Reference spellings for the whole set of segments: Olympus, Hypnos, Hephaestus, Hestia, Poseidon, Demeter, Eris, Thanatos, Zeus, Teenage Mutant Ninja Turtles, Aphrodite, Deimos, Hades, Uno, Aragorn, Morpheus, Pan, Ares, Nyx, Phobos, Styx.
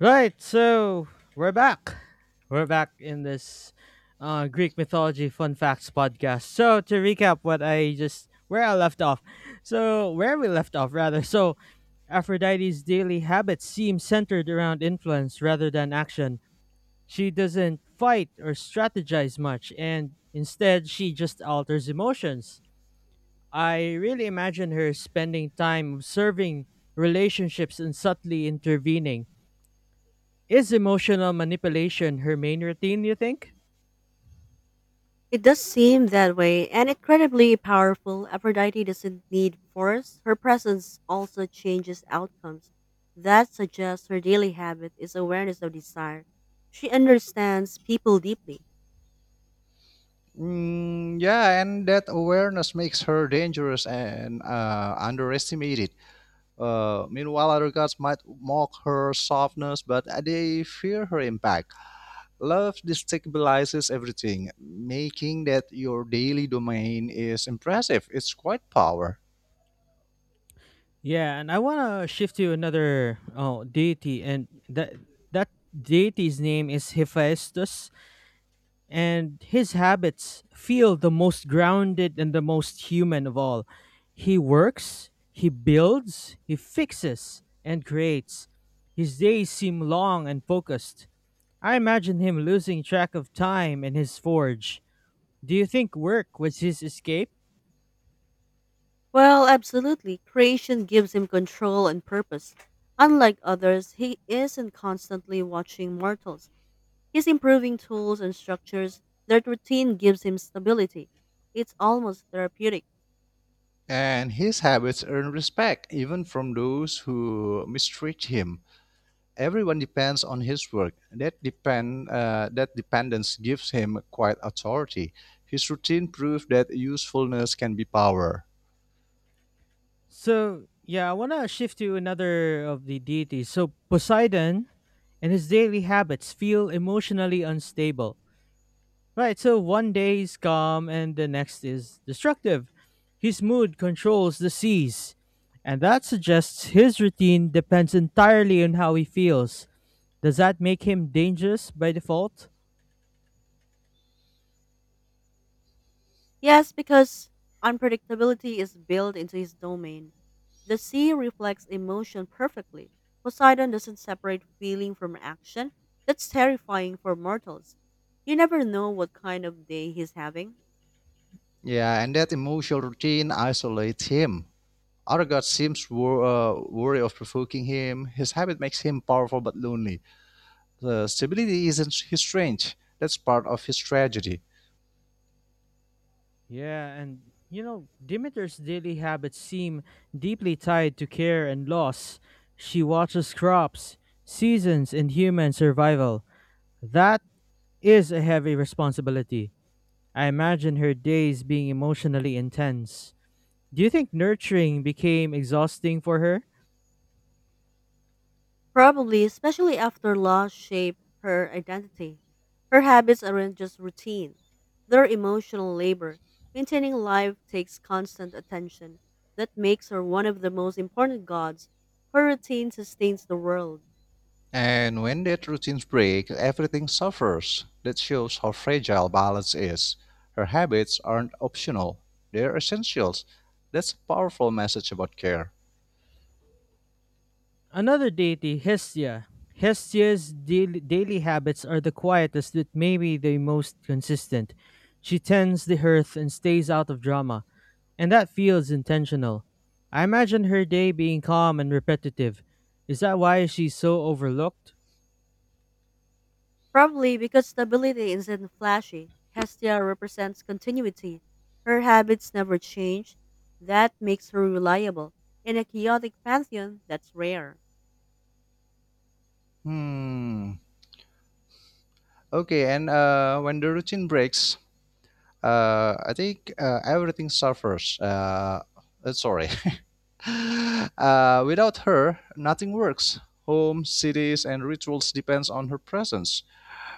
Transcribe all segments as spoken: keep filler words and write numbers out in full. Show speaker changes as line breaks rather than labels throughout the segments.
Right, so we're back. We're back in this uh, Greek mythology fun facts podcast. So to recap what I just where I left off. So where we left off rather. So Aphrodite's daily habits seem centered around influence rather than action. She doesn't fight or strategize much, and instead she just alters emotions. I really imagine her spending time observing relationships and subtly intervening. Is emotional manipulation her main routine, you think?
It does seem that way, and incredibly powerful, Aphrodite doesn't need force. Her presence also changes outcomes. That suggests her daily habit is awareness of desire. She understands people deeply.
Mm, yeah, and that awareness makes her dangerous and uh, underestimated. Uh, meanwhile, other gods might mock her softness, but they fear her impact. Love destabilizes everything, making that your daily domain is impressive. It's quite power.
Yeah, and I want to shift to another oh, deity, and that that deity's name is Hephaestus, and his habits feel the most grounded and the most human of all. He works, he builds, he fixes, and creates. His days seem long and focused. I imagine him losing track of time in his forge. Do you think work was his escape?
Well, absolutely. Creation gives him control and purpose. Unlike others, he isn't constantly watching mortals. He's improving tools and structures. That routine gives him stability. It's almost therapeutic.
And his habits earn respect even from those who mistreat him. Everyone depends on his work. That depend uh, that dependence gives him quite authority. His routine proves that usefulness can be power.
So yeah, I want to shift to another of the deities. So Poseidon and his daily habits feel emotionally unstable. Right, so one day he's calm and the next is destructive. His mood controls the seas, and that suggests his routine depends entirely on how he feels. Does that make him dangerous by default?
Yes, because unpredictability is built into his domain. The sea reflects emotion perfectly. Poseidon doesn't separate feeling from action. That's terrifying for mortals. You never know what kind of day he's having.
Yeah, and that emotional routine isolates him. Aragorn seems wor- uh, wary of provoking him. His habit makes him powerful but lonely. The stability isn't his strength. That's part of his tragedy.
Yeah, and you know, Demeter's daily habits seem deeply tied to care and loss. She watches crops, seasons, and human survival. That is a heavy responsibility. I imagine her days being emotionally intense. Do you think nurturing became exhausting for her?
Probably, especially after laws shape her identity. Her habits aren't just routine, they're emotional labor. Maintaining life takes constant attention. That makes her one of the most important gods. Her routine sustains the world.
And when that routine breaks, everything suffers. That shows how fragile balance is. Her habits aren't optional, they're essentials. That's a powerful message about care.
Another deity, Hestia. Hestia's daily, daily habits are the quietest, but maybe the most consistent. She tends the hearth and stays out of drama. And that feels intentional. I imagine her day being calm and repetitive. Is that why she's so overlooked?
Probably because stability isn't flashy. Hestia represents continuity. Her habits never change. That makes her reliable. In a chaotic pantheon, that's rare.
Hmm. Okay, and uh, when the routine breaks, uh, I think uh, everything suffers. Uh, uh, sorry, Uh, without her, nothing works. Home, cities, and rituals depends on her presence.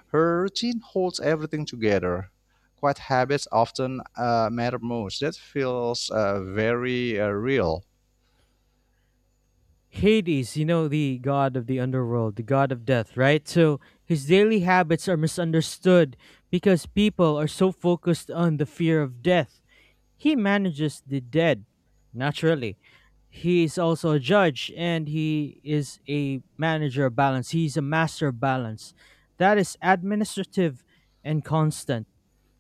Her routine holds everything together. Quiet habits often uh, matter most. That feels uh, very uh, real.
Hades, you know, the god of the underworld, the god of death, right? So his daily habits are misunderstood because people are so focused on the fear of death. He manages the dead, naturally. He is also a judge, and he is a manager of balance. He's a master of balance. That is administrative and constant.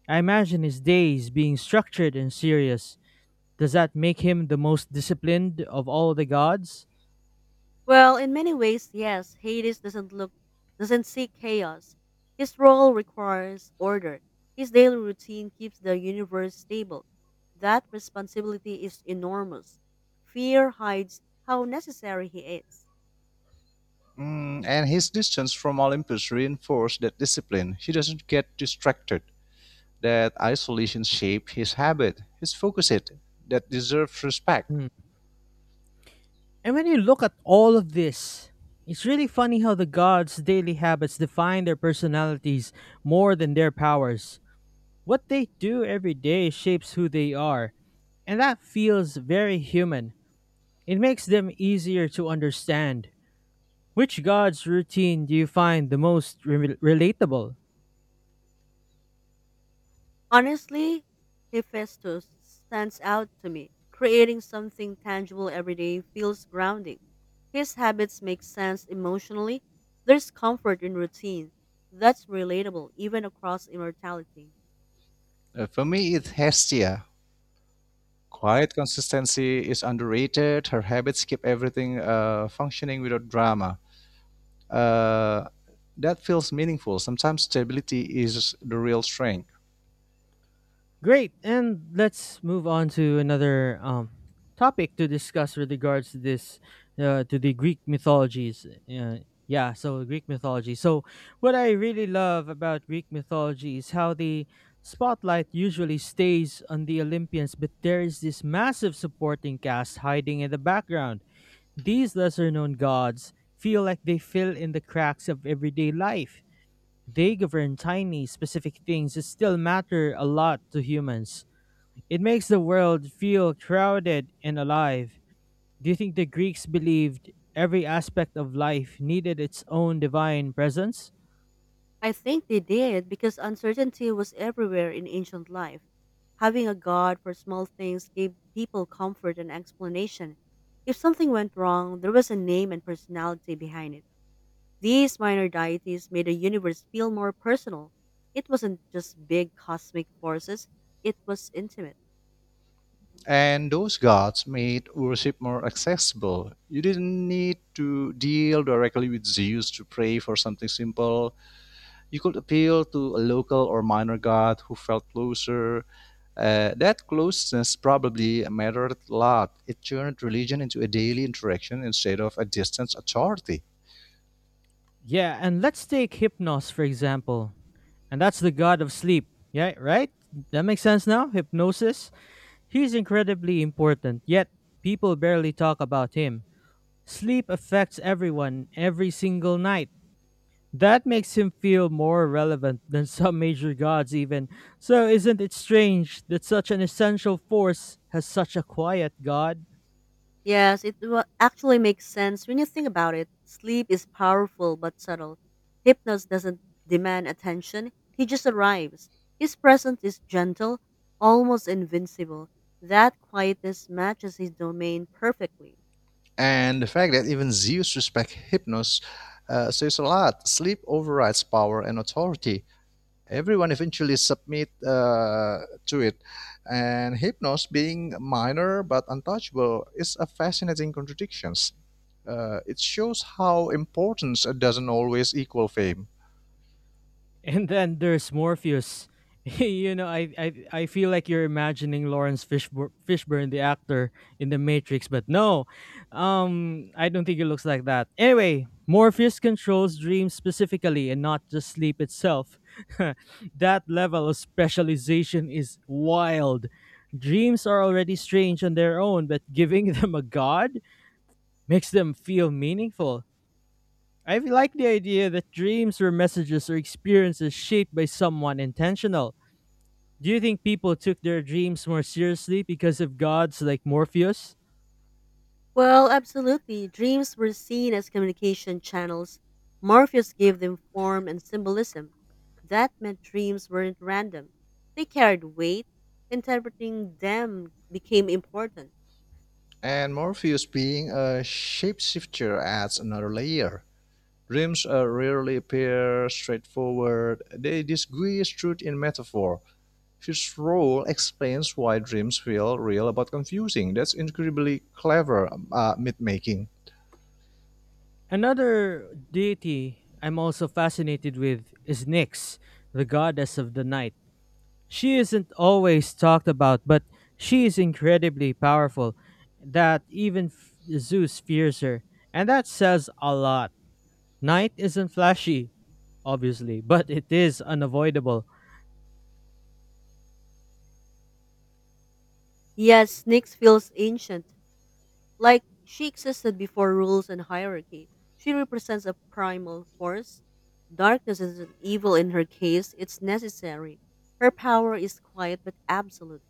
I imagine his days being structured and serious. Does that make him the most disciplined of all the gods?
Well, in many ways, yes, Hades doesn't look doesn't seek chaos. His role requires order. His daily routine keeps the universe stable. That responsibility is enormous. Fear hides how necessary he is.
Mm, and his distance from Olympus reinforced that discipline. He doesn't get distracted. That isolation shaped his habit, his focus it, that deserves respect.
Mm. And when you look at all of this, it's really funny how the gods' daily habits define their personalities more than their powers. What they do every day shapes who they are, and that feels very human. It makes them easier to understand. Which god's routine do you find the most re- relatable?
Honestly, Hephaestus stands out to me. Creating something tangible every day feels grounding. His habits make sense emotionally. There's comfort in routine. That's relatable even across immortality.
Uh, for me, it's Hestia. Quiet consistency is underrated. Her habits keep everything uh, functioning without drama. uh, that feels meaningful. Sometimes stability is the real strength.
Great. And let's move on to another um, topic to discuss with regards to this, uh, to the Greek mythologies. Uh, yeah, so Greek mythology. So, what I really love about Greek mythology is how the spotlight usually stays on the Olympians, but there is this massive supporting cast hiding in the background. These lesser known gods feel like they fill in the cracks of everyday life. They govern tiny, specific things that still matter a lot to humans. It makes the world feel crowded and alive. Do you think the Greeks believed every aspect of life needed its own divine presence?
I think they did because uncertainty was everywhere in ancient life. Having a god for small things gave people comfort and explanation. If something went wrong, there was a name and personality behind it. These minor deities made the universe feel more personal. It wasn't just big cosmic forces, it was intimate.
And those gods made worship more accessible. You didn't need to deal directly with Zeus to pray for something simple. You could appeal to a local or minor god who felt closer, uh, that closeness probably mattered a lot. It turned religion into a daily interaction instead of a distant authority.
Yeah, and let's take Hypnos for example. And that's the god of sleep. Yeah, right? That makes sense now? Hypnosis? He's incredibly important, yet people barely talk about him. Sleep affects everyone every single night. That makes him feel more relevant than some major gods, even. So, isn't it strange that such an essential force has such a quiet god?
Yes, it wa- actually makes sense when you think about it. Sleep is powerful but subtle. Hypnos doesn't demand attention, he just arrives. His presence is gentle, almost invincible. That quietness matches his domain perfectly.
And the fact that even Zeus respects Hypnos uh, says a lot. Sleep overrides power and authority, everyone eventually submit uh, to it. And hypnos, being minor but untouchable, is a fascinating contradiction. Uh, it shows how importance doesn't always equal fame.
And then there's Morpheus. you know, I, I I feel like you're imagining Lawrence Fishbur- Fishburne, the actor, in The Matrix, but no, um, I don't think it looks like that. Anyway, Morpheus controls dreams specifically and not just sleep itself. That level of specialization is wild. Dreams are already strange on their own, but giving them a god makes them feel meaningful. I like the idea that dreams or messages or experiences shaped by someone intentional. Do you think people took their dreams more seriously because of gods like Morpheus?
Well, absolutely. Dreams were seen as communication channels. Morpheus gave them form and symbolism. That meant dreams weren't random, they carried weight. Interpreting them became important.
And Morpheus being a shapeshifter adds another layer. Dreams uh, rarely appear straightforward. They disguise truth in metaphor. His role explains why dreams feel real but confusing. That's incredibly clever uh, myth-making.
Another deity I'm also fascinated with is Nyx, the goddess of the night. She isn't always talked about, but she is incredibly powerful that even f- Zeus fears her, and that says a lot. Night isn't flashy, obviously, but it is unavoidable.
Yes, Styx feels ancient, like she existed before rules and hierarchy. She represents a primal force. Darkness isn't evil in her case, it's necessary. Her power is quiet but absolute.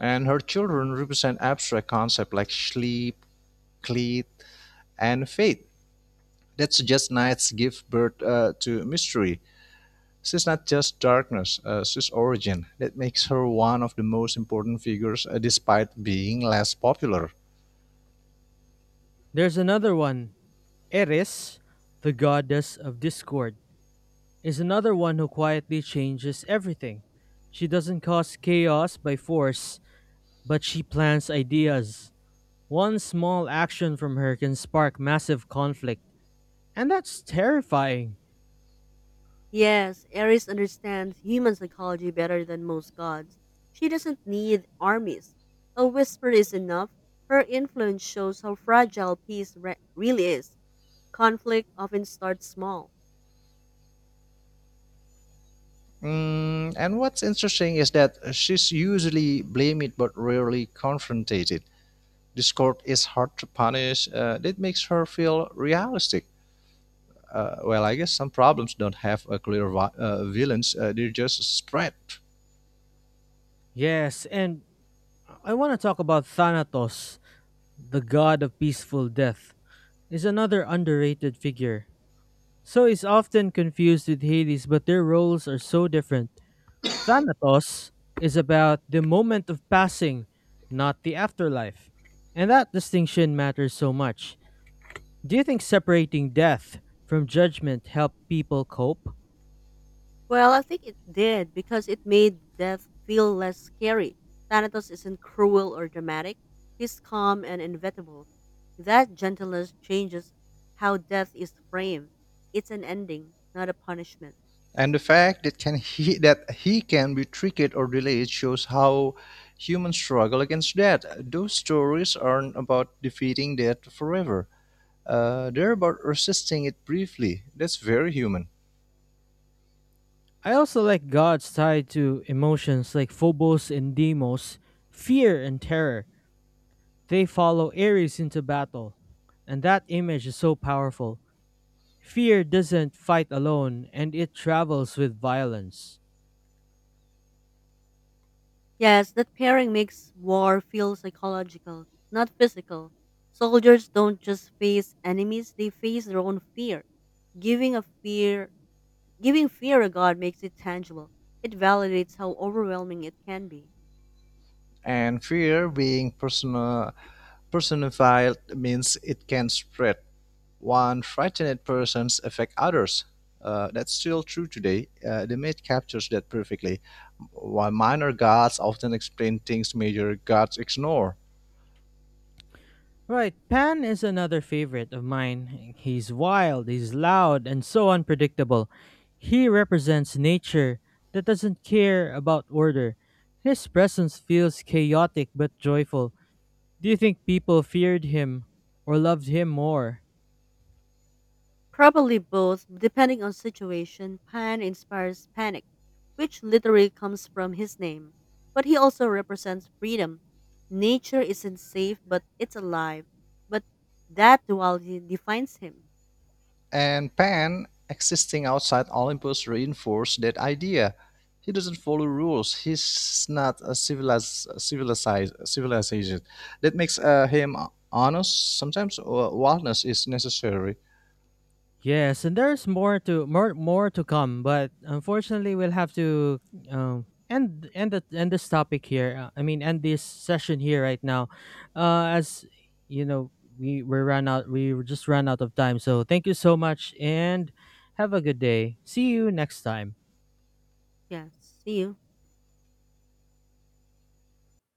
And her children represent abstract concepts like sleep, cleat, and fate, that suggests nights give birth uh, to mystery. She's not just darkness, uh, she's origin. That makes her one of the most important figures uh, despite being less popular.
There's another one. Eris, the goddess of discord, is another one who quietly changes everything. She doesn't cause chaos by force, but she plants ideas. One small action from her can spark massive conflict, and that's terrifying.
Yes, Ares understands human psychology better than most gods. She doesn't need armies. A whisper is enough. Her influence shows how fragile peace re- really is. Conflict often starts small.
Mm, and what's interesting is that she's usually blamed but rarely confronted. Discord is hard to punish, uh, that makes her feel realistic. Uh, well, I guess some problems don't have a clear uh, villains. Uh, they're just spread.
Yes, and I want to talk about Thanatos. The god of peaceful death, is another underrated figure. So he's often confused with Hades, but their roles are so different. Thanatos is about the moment of passing, not the afterlife. And that distinction matters so much. Do you think separating death from judgment helped people cope?
Well, I think it did because it made death feel less scary. Thanatos isn't cruel or dramatic, he's calm and inevitable. That gentleness changes how death is framed. It's an ending, not a punishment.
And the fact that can he that he can be tricked or delayed shows how humans struggle against that. Those stories aren't about defeating death forever. Uh, they're about resisting it briefly. That's very human.
I also like gods tied to emotions like Phobos and Deimos, fear and terror. They follow Ares into battle. And that image is so powerful. Fear doesn't fight alone, and it travels with violence.
Yes, that pairing makes war feel psychological, not physical. Soldiers don't just face enemies, they face their own fear. Giving a fear Giving fear a god makes it tangible. It validates how overwhelming it can be.
And fear being persona- personified means it can spread. One frightened persons affect others. Uh, that's still true today. Uh, the myth captures that perfectly. While minor gods often explain things major gods ignore.
Right, Pan is another favorite of mine. He's wild, he's loud, and so unpredictable. He represents nature that doesn't care about order. His presence feels chaotic but joyful. Do you think people feared him or loved him more?
Probably both, depending on situation, Pan inspires panic, which literally comes from his name. But he also represents freedom. Nature isn't safe, but it's alive. But That duality defines him.
And Pan, existing outside Olympus, reinforced that idea. He doesn't follow rules. He's not a civilized, civilized civilization. That makes uh, him honest. Sometimes uh, wildness is necessary.
Yes, and there's more to more more to come, but unfortunately, we'll have to um, end end the, end this topic here. Uh, I mean, end this session here right now, uh, as you know, we we ran out. We just ran out of time. So thank you so much, and have a good day. See you next time.
Yeah. See you.